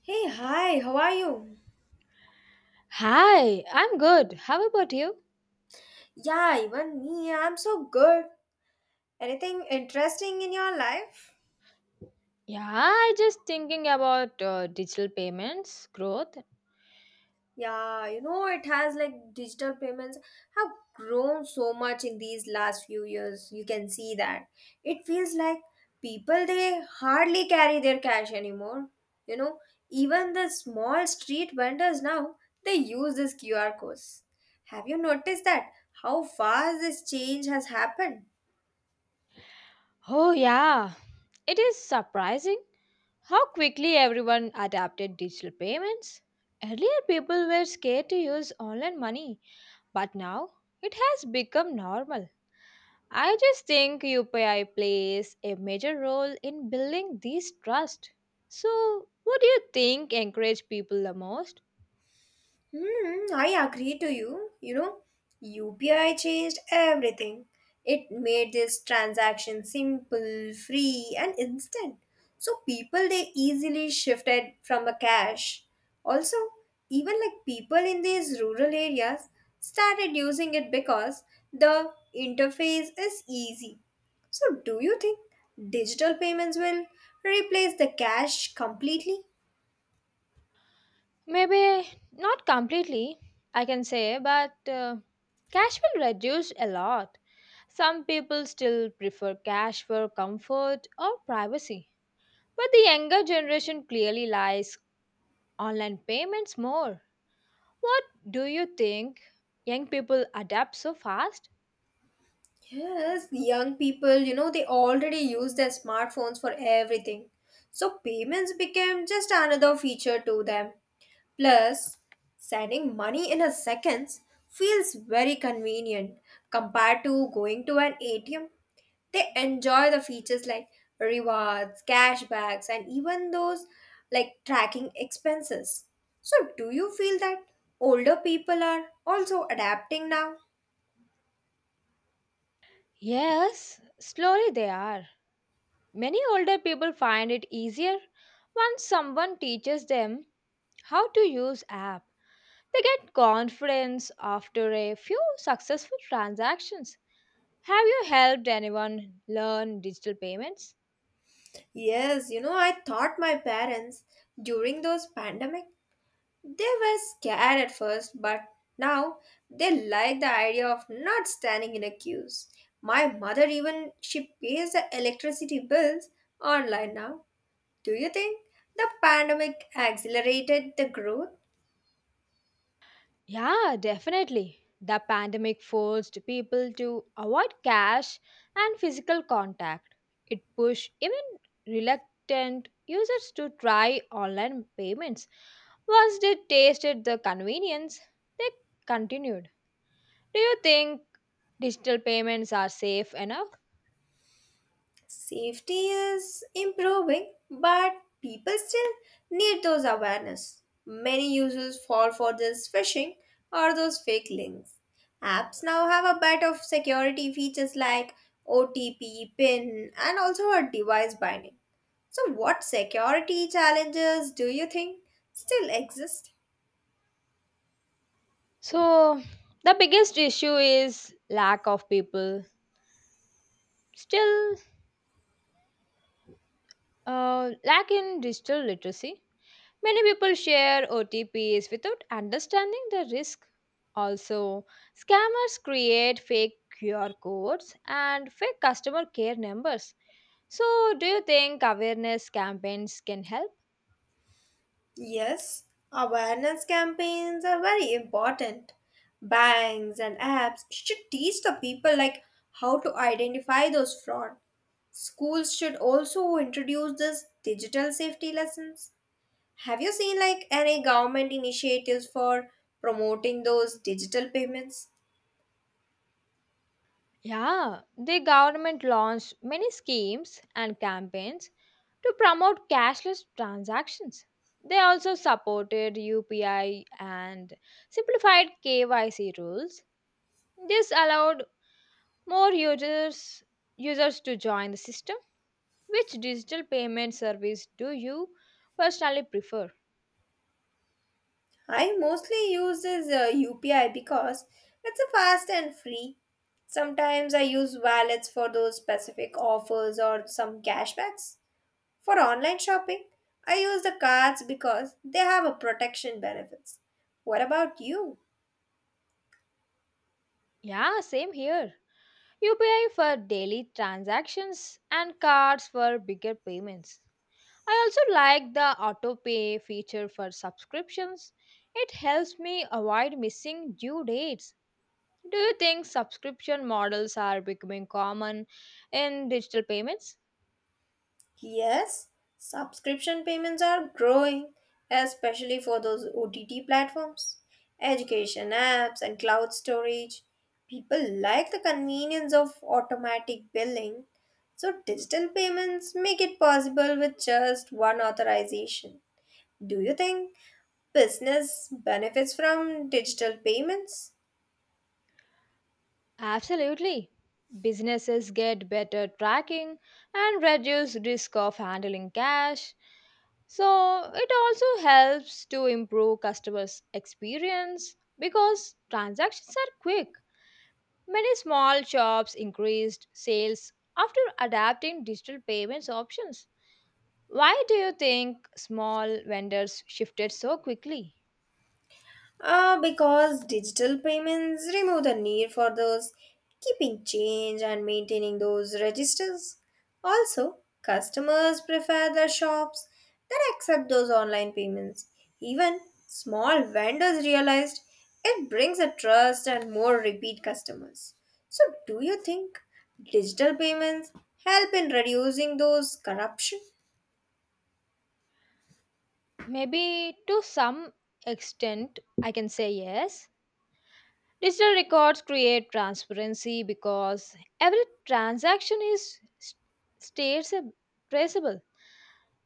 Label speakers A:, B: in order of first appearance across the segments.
A: Hey, hi, how are you?
B: Hi, I'm good. How about you?
A: Yeah, even me, I'm so good. Anything interesting in your life?
B: Yeah, I just thinking about digital payments growth.
A: Yeah, you know, it has like digital payments have grown so much in these last few years. You can see that. It feels like people they hardly carry their cash anymore. You know, even the small street vendors now they use this QR codes. Have you noticed that? How fast this change has happened?
B: Oh yeah, it is surprising how quickly everyone adapted digital payments. Earlier people were scared to use online money, but now it has become normal. I just think UPI plays a major role in building this trust. So, what do you think encourage people the most?
A: Hmm, I agree to you. You know, UPI changed everything. It made this transaction simple, free, and instant. So people they easily shifted from a cash. Also, even like people in these rural areas started using it because the interface is easy. So do you think digital payments will replace the cash completely?
B: Maybe not completely, I can say, but cash will reduce a lot. Some people still prefer cash for comfort or privacy. But the younger generation clearly likes online payments more. What do you think? Young people adapt so fast?
A: Yes, young people, you know, they already use their smartphones for everything. So payments became just another feature to them. Plus, sending money in a seconds feels very convenient compared to going to an ATM. They enjoy the features like rewards, cashbacks, and even those like tracking expenses. So, do you feel that older people are also adapting now?
B: Yes, slowly they are. Many older people find it easier once someone teaches them how to use app. They get confidence after a few successful transactions. Have you helped anyone learn digital payments?
A: Yes, you know, I thought my parents during those pandemic, they were scared at first, but now they like the idea of not standing in a queues. My mother even she pays the electricity bills online now. Do you think the pandemic accelerated the growth?
B: Yeah, definitely. The pandemic forced people to avoid cash and physical contact. It pushed even reluctant users to try online payments. Once they tasted the convenience, they continued. Do you think digital payments are safe enough?
A: Safety is improving, but people still need those awareness. Many users fall for this phishing or those fake links. Apps now have a bit of security features like OTP, PIN, and also a device binding. So, what security challenges do you think still exist?
B: So the biggest issue is lack of people. Still, lack in digital literacy. Many people share OTPs without understanding the risk. Also, scammers create fake QR codes and fake customer care numbers. So, do you think awareness campaigns can help?
A: Yes, awareness campaigns are very important. Banks and apps should teach the people like how to identify those fraud. Schools should also introduce this digital safety lessons. Have you seen like any government initiatives for promoting those digital payments?
B: Yeah, the government launched many schemes and campaigns to promote cashless transactions. They also supported UPI and simplified KYC rules. This allowed more users to join the system. Which digital payment service do you personally prefer?
A: I mostly use this UPI because it's a fast and free. Sometimes I use wallets for those specific offers or some cashbacks. For online shopping, I use the cards because they have a protection benefits. What about you?
B: Yeah, same here. UPI for daily transactions and cards for bigger payments. I also like the auto-pay feature for subscriptions. It helps me avoid missing due dates. Do you think subscription models are becoming common in digital payments?
A: Yes, subscription payments are growing, especially for those OTT platforms, education apps, and cloud storage. People like the convenience of automatic billing, so digital payments make it possible with just one authorization. Do you think business benefits from digital payments?
B: Absolutely. Businesses get better tracking and reduce risk of handling cash. So it also helps to improve customers' experience because transactions are quick. Many small shops increased sales after adapting digital payments options. Why do you think small vendors shifted so quickly?
A: Because digital payments remove the need for those keeping change and maintaining those registers. Also, customers prefer the shops that accept those online payments. Even small vendors realized it brings a trust and more repeat customers. So, do you think digital payments help in reducing those corruption?
B: Maybe to some extent, I can say yes. Digital records create transparency because every transaction is st- stays a- traceable.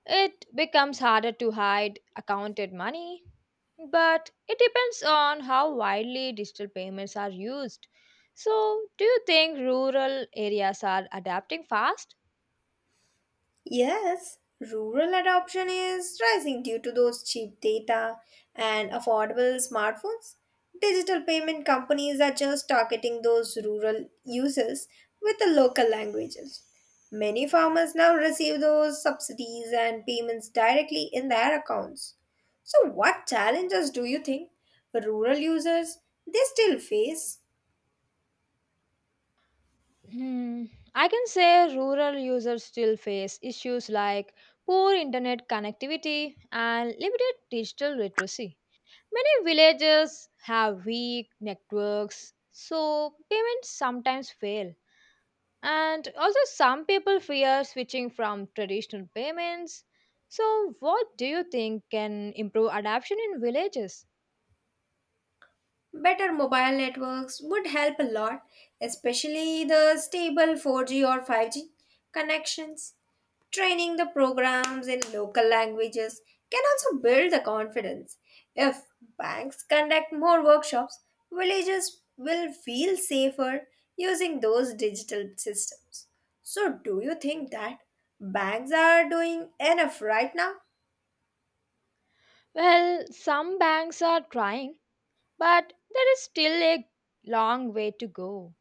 B: It becomes harder to hide accounted money, but it depends on how widely digital payments are used. So, do you think rural areas are adapting fast?
A: Yes, rural adoption is rising due to those cheap data and affordable smartphones. Digital payment companies are just targeting those rural users with the local languages. Many farmers now receive those subsidies and payments directly in their accounts. So, what challenges do you think rural users they still face?
B: Hmm, I can say rural users still face issues like poor internet connectivity and limited digital literacy. Many villages have weak networks, so payments sometimes fail. And also, some people fear switching from traditional payments. So, what do you think can improve adoption in villages?
A: Better mobile networks would help a lot, especially the stable 4G or 5G connections. Training the programs in local languages can also build the confidence. If banks conduct more workshops, villages will feel safer using those digital systems. So, do you think that banks are doing enough right now?
B: Well, some banks are trying, but there is still a long way to go.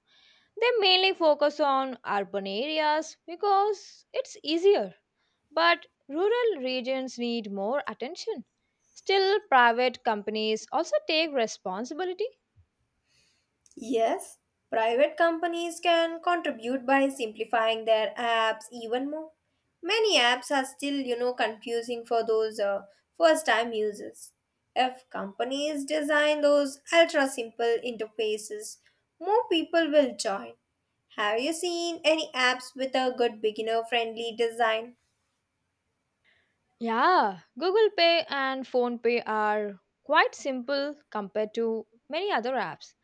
B: They mainly focus on urban areas because it's easier, but rural regions need more attention. Still, private companies also take responsibility.
A: Yes, private companies can contribute by simplifying their apps even more. Many apps are still, you know, confusing for those first-time users. If companies design those ultra-simple interfaces, more people will join. Have you seen any apps with a good beginner-friendly design?
B: Yeah, Google Pay and Phone Pay are quite simple compared to many other apps.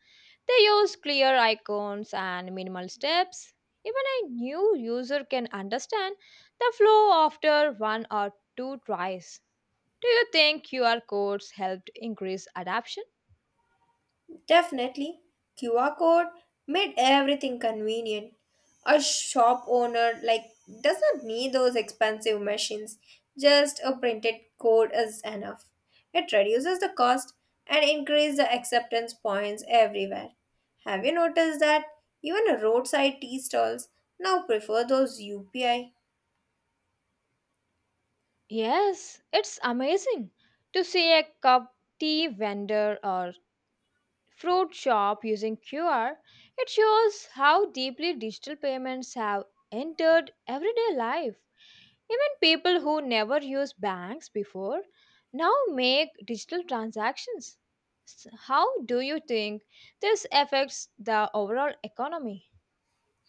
B: They use clear icons and minimal steps. Even a new user can understand the flow after one or two tries. Do you think QR codes helped increase adoption?
A: Definitely, QR code made everything convenient. A shop owner like does not need those expensive machines. Just a printed code is enough. It reduces the cost and increases the acceptance points everywhere. Have you noticed that even a roadside tea stalls now prefer those UPI?
B: Yes, it's amazing to see a cup tea vendor or fruit shop using QR, it shows how deeply digital payments have entered everyday life. Even people who never used banks before now make digital transactions. How do you think this affects the overall economy?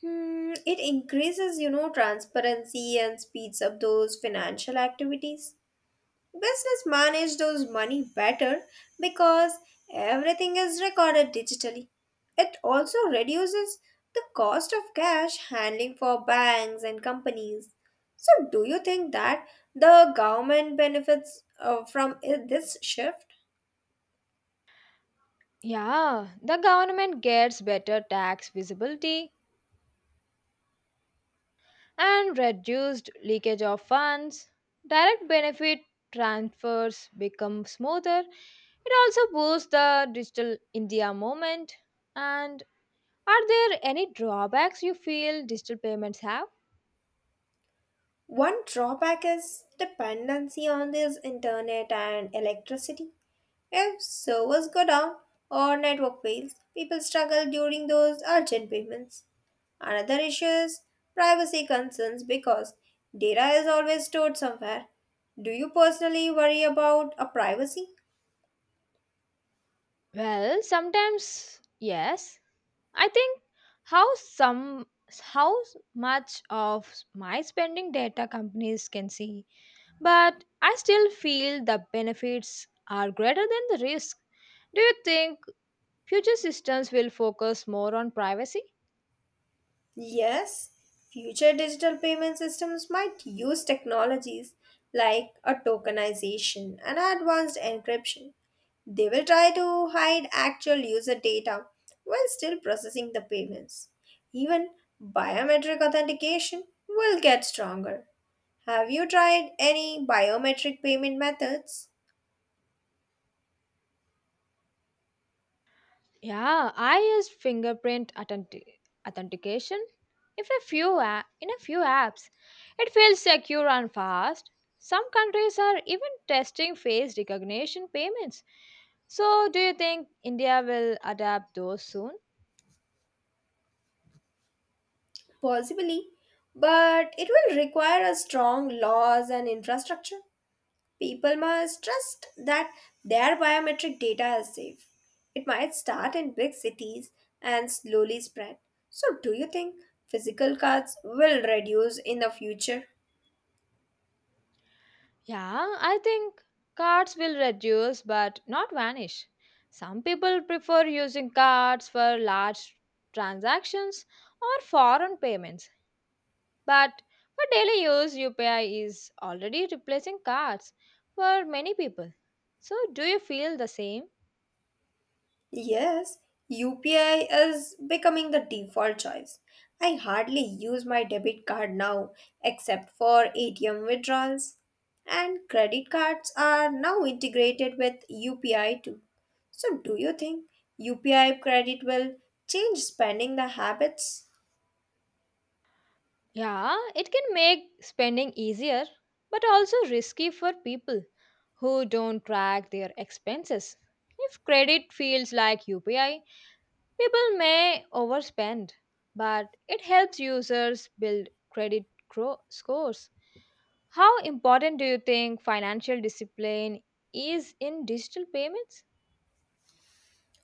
A: Hmm, it increases, you know, transparency and speeds up those financial activities. Business manage those money better because everything is recorded digitally. It also reduces the cost of cash handling for banks and companies. So, do you think that the government benefits from this shift?
B: Yeah, the government gets better tax visibility and reduced leakage of funds. Direct benefit transfers become smoother. It also boosts the digital India movement. And are there any drawbacks you feel digital payments have?
A: One drawback is dependency on this internet and electricity. If servers go down or network fails, people struggle during those urgent payments. Another issue is privacy concerns because data is always stored somewhere. Do you personally worry about a privacy?
B: Well, sometimes yes. I think how some how much of my spending data companies can see, but I still feel the benefits are greater than the risk. Do you think future systems will focus more on privacy?
A: Yes, future digital payment systems might use technologies like a tokenization and advanced encryption. They will try to hide actual user data while still processing the payments. Even biometric authentication will get stronger. Have you tried any biometric payment methods?
B: Yeah, I use fingerprint authentication. If a few a- in a few apps, it feels secure and fast. Some countries are even testing face recognition payments. So, do you think India will adapt those soon?
A: Possibly, but it will require a strong laws and infrastructure. People must trust that their biometric data is safe. It might start in big cities and slowly spread. So, do you think physical cards will reduce in the future?
B: Yeah, I think cards will reduce but not vanish. Some people prefer using cards for large transactions or foreign payments. But for daily use, UPI is already replacing cards for many people. So, do you feel the same?
A: Yes, UPI is becoming the default choice. I hardly use my debit card now except for ATM withdrawals. And credit cards are now integrated with UPI too. So, do you think UPI credit will change spending the habits?
B: Yeah, it can make spending easier, but also risky for people who don't track their expenses. If credit feels like UPI, people may overspend, but it helps users build credit scores. How important do you think financial discipline is in digital payments?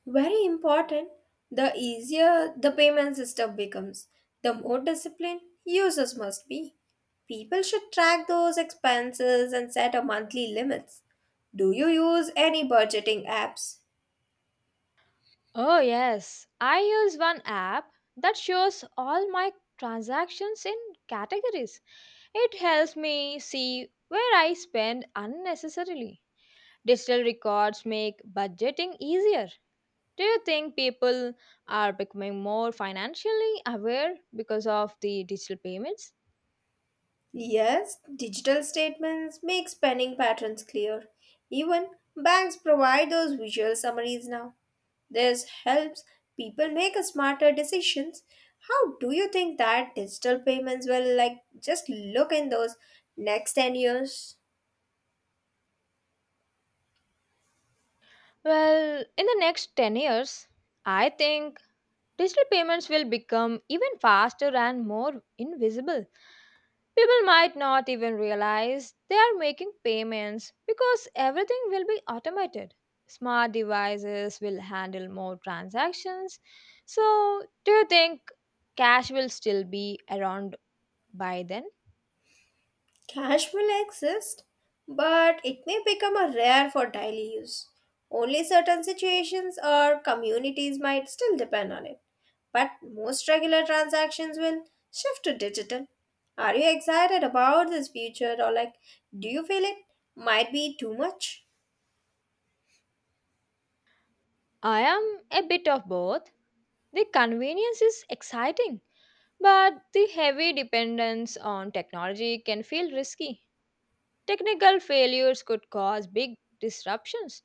A: Very important. The easier the payment system becomes, the more disciplined users must be. People should track those expenses and set a monthly limits. Do you use any budgeting apps?
B: Oh, yes. I use one app that shows all my transactions in categories. It helps me see where I spend unnecessarily. Digital records make budgeting easier. Do you think people are becoming more financially aware because of the digital payments?
A: Yes, digital statements make spending patterns clear. Even banks provide those visual summaries now. This helps people make smarter decisions. How do you think that digital payments will like just look in those next 10 years?
B: Well, in the next 10 years, I think digital payments will become even faster and more invisible. People might not even realize they are making payments because everything will be automated. Smart devices will handle more transactions. So, do you think cash will still be around by then?
A: Cash will exist, but it may become a rare for daily use. Only certain situations or communities might still depend on it, but most regular transactions will shift to digital. Are you excited about this future or like do you feel it might be too much?
B: I am a bit of both. The convenience is exciting, but the heavy dependence on technology can feel risky. Technical failures could cause big disruptions.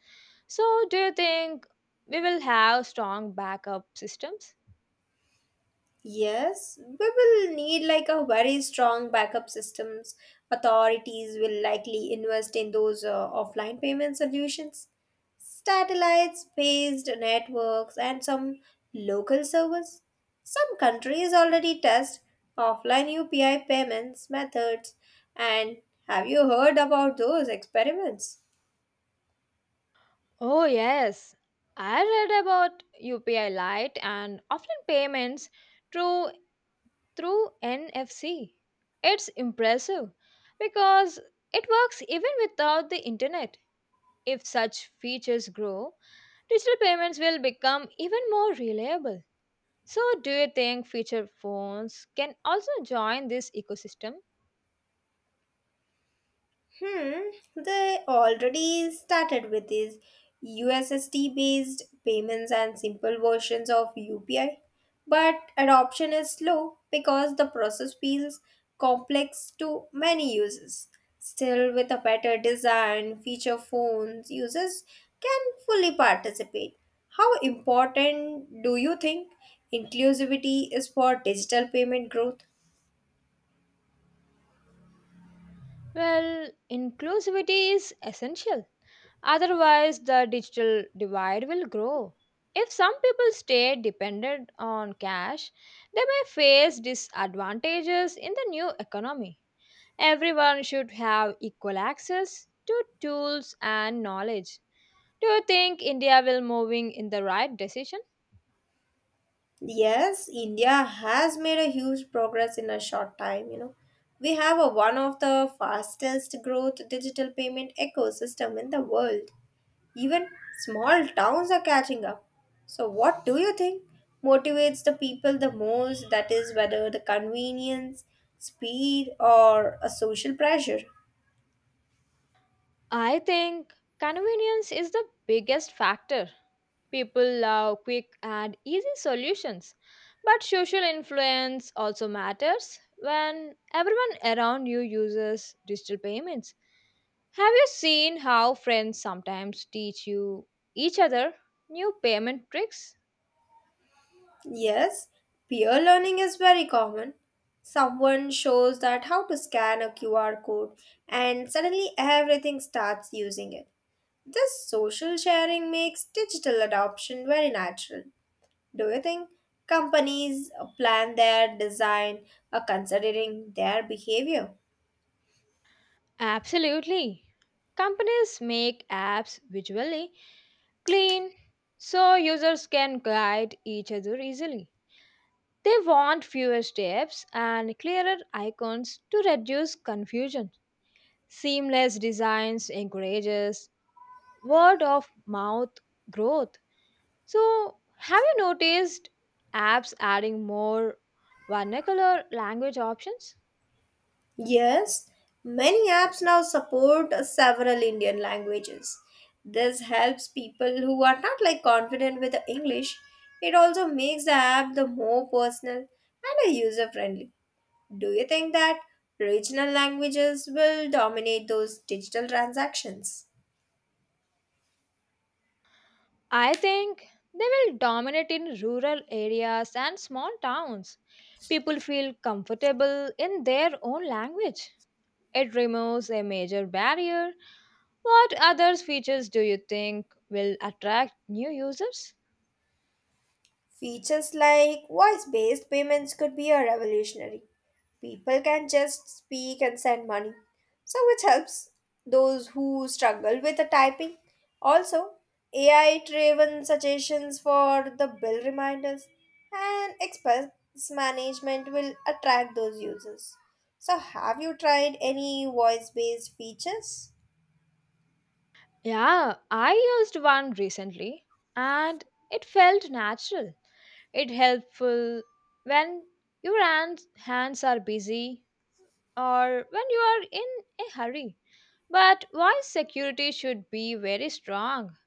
B: So, do you think we will have strong backup systems?
A: Yes, we will need like a very strong backup systems. Authorities will likely invest in those offline payment solutions, satellites based networks, and some local servers. Some countries already test offline UPI payments methods. And have you heard about those experiments?
B: Oh, yes. I read about UPI Lite and offline payments through, through NFC. It's impressive because it works even without the internet. If such features grow, digital payments will become even more reliable. So, do you think feature phones can also join this ecosystem?
A: Hmm, they already started with these USSD based payments and simple versions of UPI, but adoption is slow because the process feels complex to many users. Still, with a better design, feature phones, users can fully participate. How important do you think inclusivity is for digital payment growth?
B: Well, inclusivity is essential. Otherwise, the digital divide will grow. If some people stay dependent on cash, they may face disadvantages in the new economy. Everyone should have equal access to tools and knowledge. Do you think India will moving in the right decision?
A: Yes, India has made a huge progress in a short time, you know. We have a, one of the fastest growth digital payment ecosystem in the world. Even small towns are catching up. So what do you think motivates the people the most? That is whether the convenience, speed or a social pressure.
B: I think convenience is the biggest factor. People love quick and easy solutions, but social influence also matters when everyone around you uses digital payments. Have you seen how friends sometimes teach you each other new payment tricks?
A: Yes, peer learning is very common. Someone shows that how to scan a QR code and suddenly everything starts using it. This social sharing makes digital adoption very natural. Do you think companies plan their design considering their behavior?
B: Absolutely. Companies make apps visually clean so users can guide each other easily. They want fewer steps and clearer icons to reduce confusion. Seamless designs encourages word of mouth growth. So, have you noticed apps adding more vernacular language options?
A: Yes, many apps now support several Indian languages. This helps people who are not like confident with the English. It also makes the app the more personal and a user friendly. Do you think that regional languages will dominate those digital transactions?
B: I think they will dominate in rural areas and small towns. People feel comfortable in their own language. It removes a major barrier. What other features do you think will attract new users?
A: Features like voice based payments could be a revolutionary. People can just speak and send money. So which helps those who struggle with the typing. Also, AI driven suggestions for the bill reminders and expense management will attract those users. So have you tried any voice based features?
B: Yeah, I used one recently and it felt natural. It helpful when your hands are busy or when you are in a hurry. But why security should be very strong?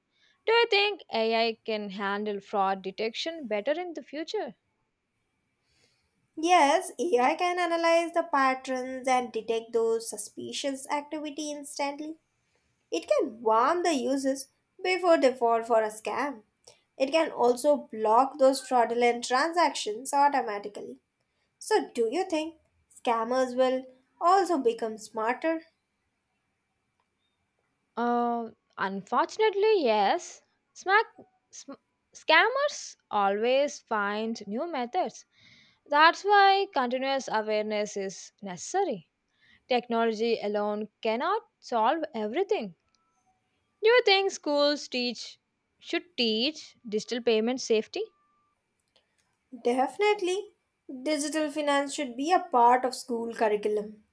B: Do you think AI can handle fraud detection better in the future?
A: Yes, AI can analyze the patterns and detect those suspicious activity instantly. It can warn the users before they fall for a scam. It can also block those fraudulent transactions automatically. So, do you think scammers will also become smarter?
B: Uh, Unfortunately, yes. Smack, sm- Scammers always find new methods. That's why continuous awareness is necessary. Technology alone cannot solve everything. Do you think schools teach should teach digital payment safety?
A: Definitely, digital finance should be a part of school curriculum.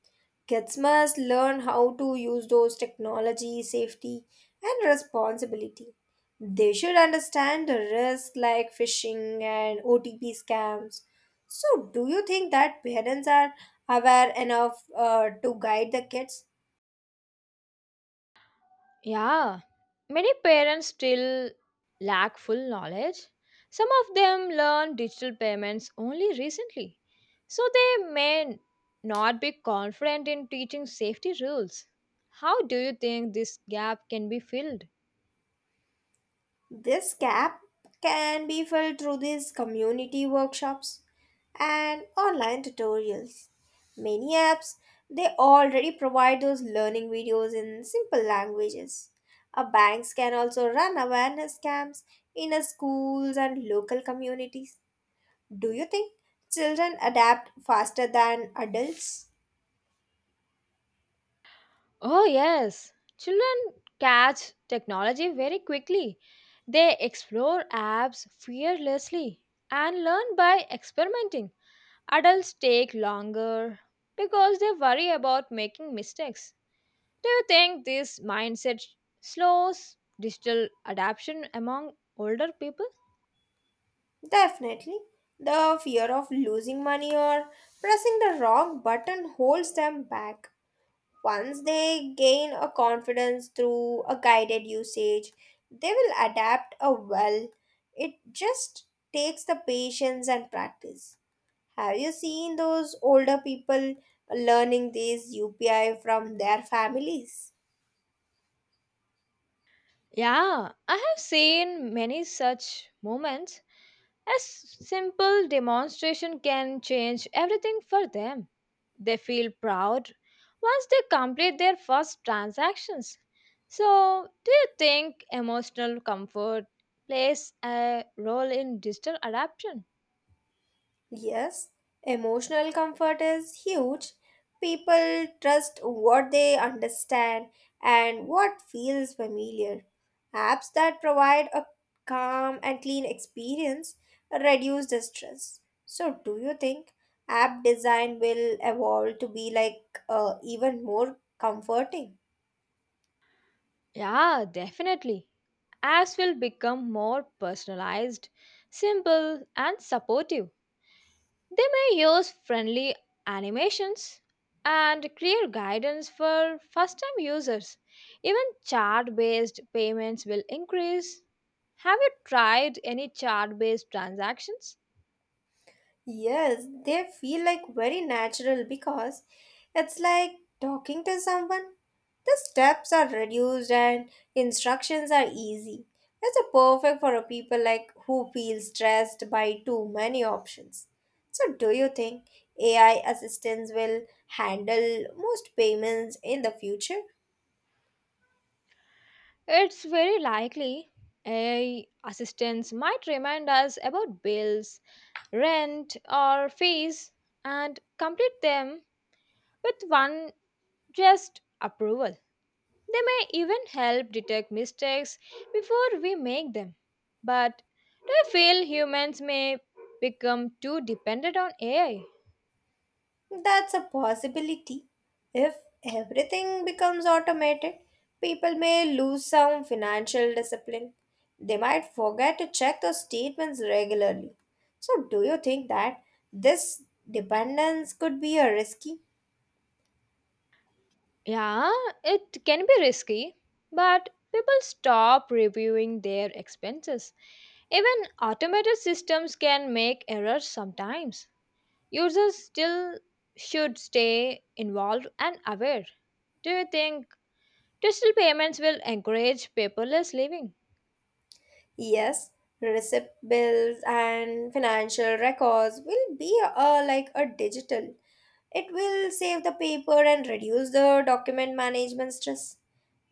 A: Kids must learn how to use those technology, safety, and responsibility. They should understand the risk like phishing and OTP scams. So, do you think that parents are aware enough to guide the kids?
B: Yeah, many parents still lack full knowledge. Some of them learned digital payments only recently, so they may not be confident in teaching safety rules. How do you think this gap can be filled?
A: This gap can be filled through these community workshops and online tutorials. Many apps they already provide those learning videos in simple languages. Banks can also run awareness camps in schools and local communities. Do you think children adapt faster than adults?
B: Oh, yes, children catch technology very quickly. They explore apps fearlessly and learn by experimenting. Adults take longer because they worry about making mistakes. Do you think this mindset slows digital adoption among older people?
A: Definitely. The fear of losing money or pressing the wrong button holds them back. Once they gain a confidence through a guided usage, they will adapt a well. It just takes the patience and practice. Have you seen those older people learning these UPI from their families?
B: Yeah, I have seen many such moments. Simple demonstration can change everything for them. They feel proud once they complete their first transactions. So, do you think emotional comfort plays a role in digital adoption?
A: Yes, emotional comfort is huge. People trust what they understand and what feels familiar. Apps that provide a calm and clean experience reduce the stress. So, do you think app design will evolve to be like even more comforting?
B: Yeah, definitely. Apps will become more personalized, simple, and supportive. They may use friendly animations and clear guidance for first time users. Even chart based payments will increase. Have you tried any chart based transactions?
A: Yes, they feel like very natural because it's like talking to someone. The steps are reduced and instructions are easy. That's a perfect for a people like who feel stressed by too many options. So do you think AI assistants will handle most payments in the future?
B: It's very likely AI assistants might remind us about bills, rent, or fees and complete them with one just approval. They may even help detect mistakes before we make them. But do you feel humans may become too dependent on AI?
A: That's a possibility. If everything becomes automated, people may lose some financial discipline. They might forget to check their statements regularly. So, do you think that this dependence could be a risky?
B: Yeah, it can be risky, but people stop reviewing their expenses. Even automated systems can make errors sometimes. Users still should stay involved and aware. Do you think digital payments will encourage paperless living?
A: Yes, receipt bills and financial records will be like a digital. It will save the paper and reduce the document management stress.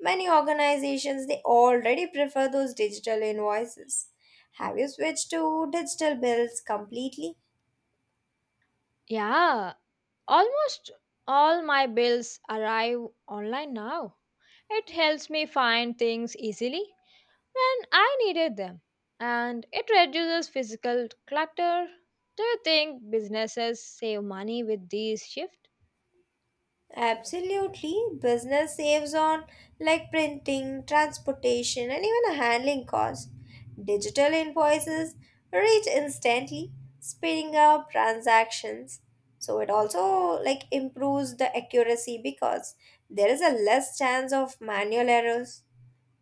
A: Many organizations they already prefer those digital invoices. Have you switched to digital bills completely?
B: Yeah, almost all my bills arrive online now. It helps me find things easily when I needed them and it reduces physical clutter. Do you think businesses save money with these shifts?
A: Absolutely. Business saves on like printing, transportation, and even handling costs. Digital invoices reach instantly, speeding up transactions. So it also like improves the accuracy because there is a less chance of manual errors.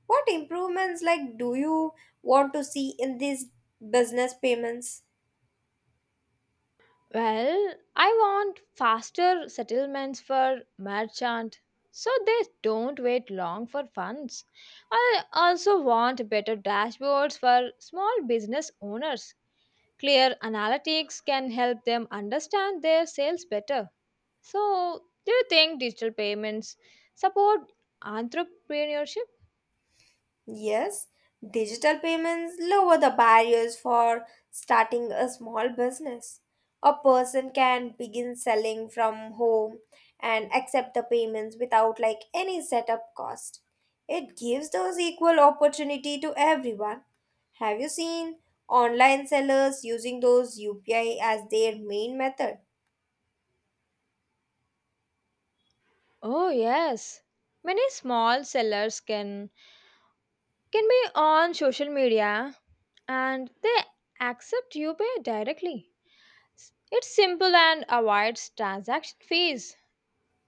A: What improvements like do you want to see in these business payments?
B: Well, I want faster settlements for merchant so they don't wait long for funds. I also want better dashboards for small business owners. Clear analytics can help them understand their sales better. So, do you think digital payments support entrepreneurship?
A: Yes, digital payments lower the barriers for starting a small business. A person can begin selling from home and accept the payments without like any setup cost. It gives those equal opportunity to everyone. Have you seen online sellers using those UPI as their main method?
B: Oh yes. Many small sellers can be on social media and they accept UPI directly. It's simple and avoids transaction fees.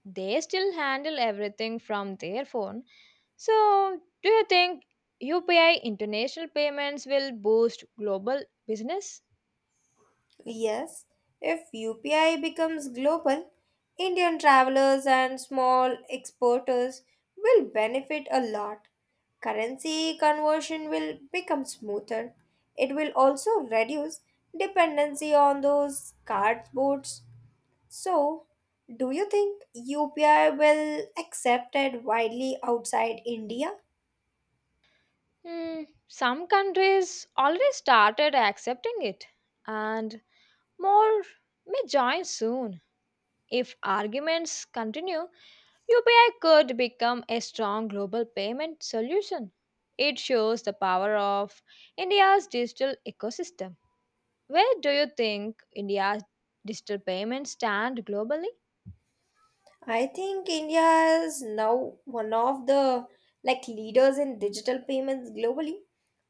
B: They still handle everything from their phone. So, do you think UPI international payments will boost global business?
A: Yes, if UPI becomes global, Indian travelers and small exporters will benefit a lot. Currency conversion will become smoother. It will also reduce dependency on those cardboards. So, do you think UPI will accepted widely outside India?
B: Hmm, some countries already started accepting it, and more may join soon. If arguments continue, UPI could become a strong global payment solution. It shows the power of India's digital ecosystem. Where do you think India's digital payments stand globally?
A: I think India is now one of the like leaders in digital payments globally.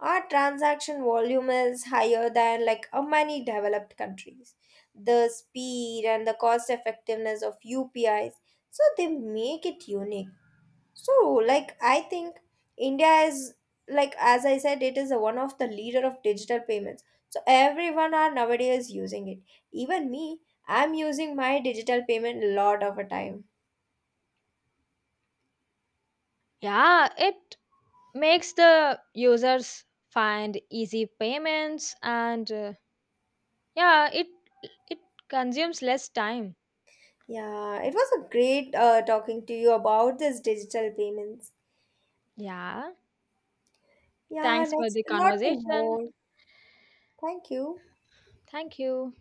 A: Our transaction volume is higher than like many developed countries. The speed and the cost effectiveness of UPIs, so they make it unique. So like I think India is like as I said, it is one of the leader of digital payments. So everyone are nowadays using it. Even me, I'm using my digital payment a lot of a time.
B: Yeah, it makes the users find easy payments and yeah it consumes less time.
A: Yeah, it was a great talking to you about this digital payments.
B: Yeah,
A: Yeah,
B: thanks for
A: next,
B: the
A: a lot to
B: conversation.
A: more. Thank you.
B: Thank you.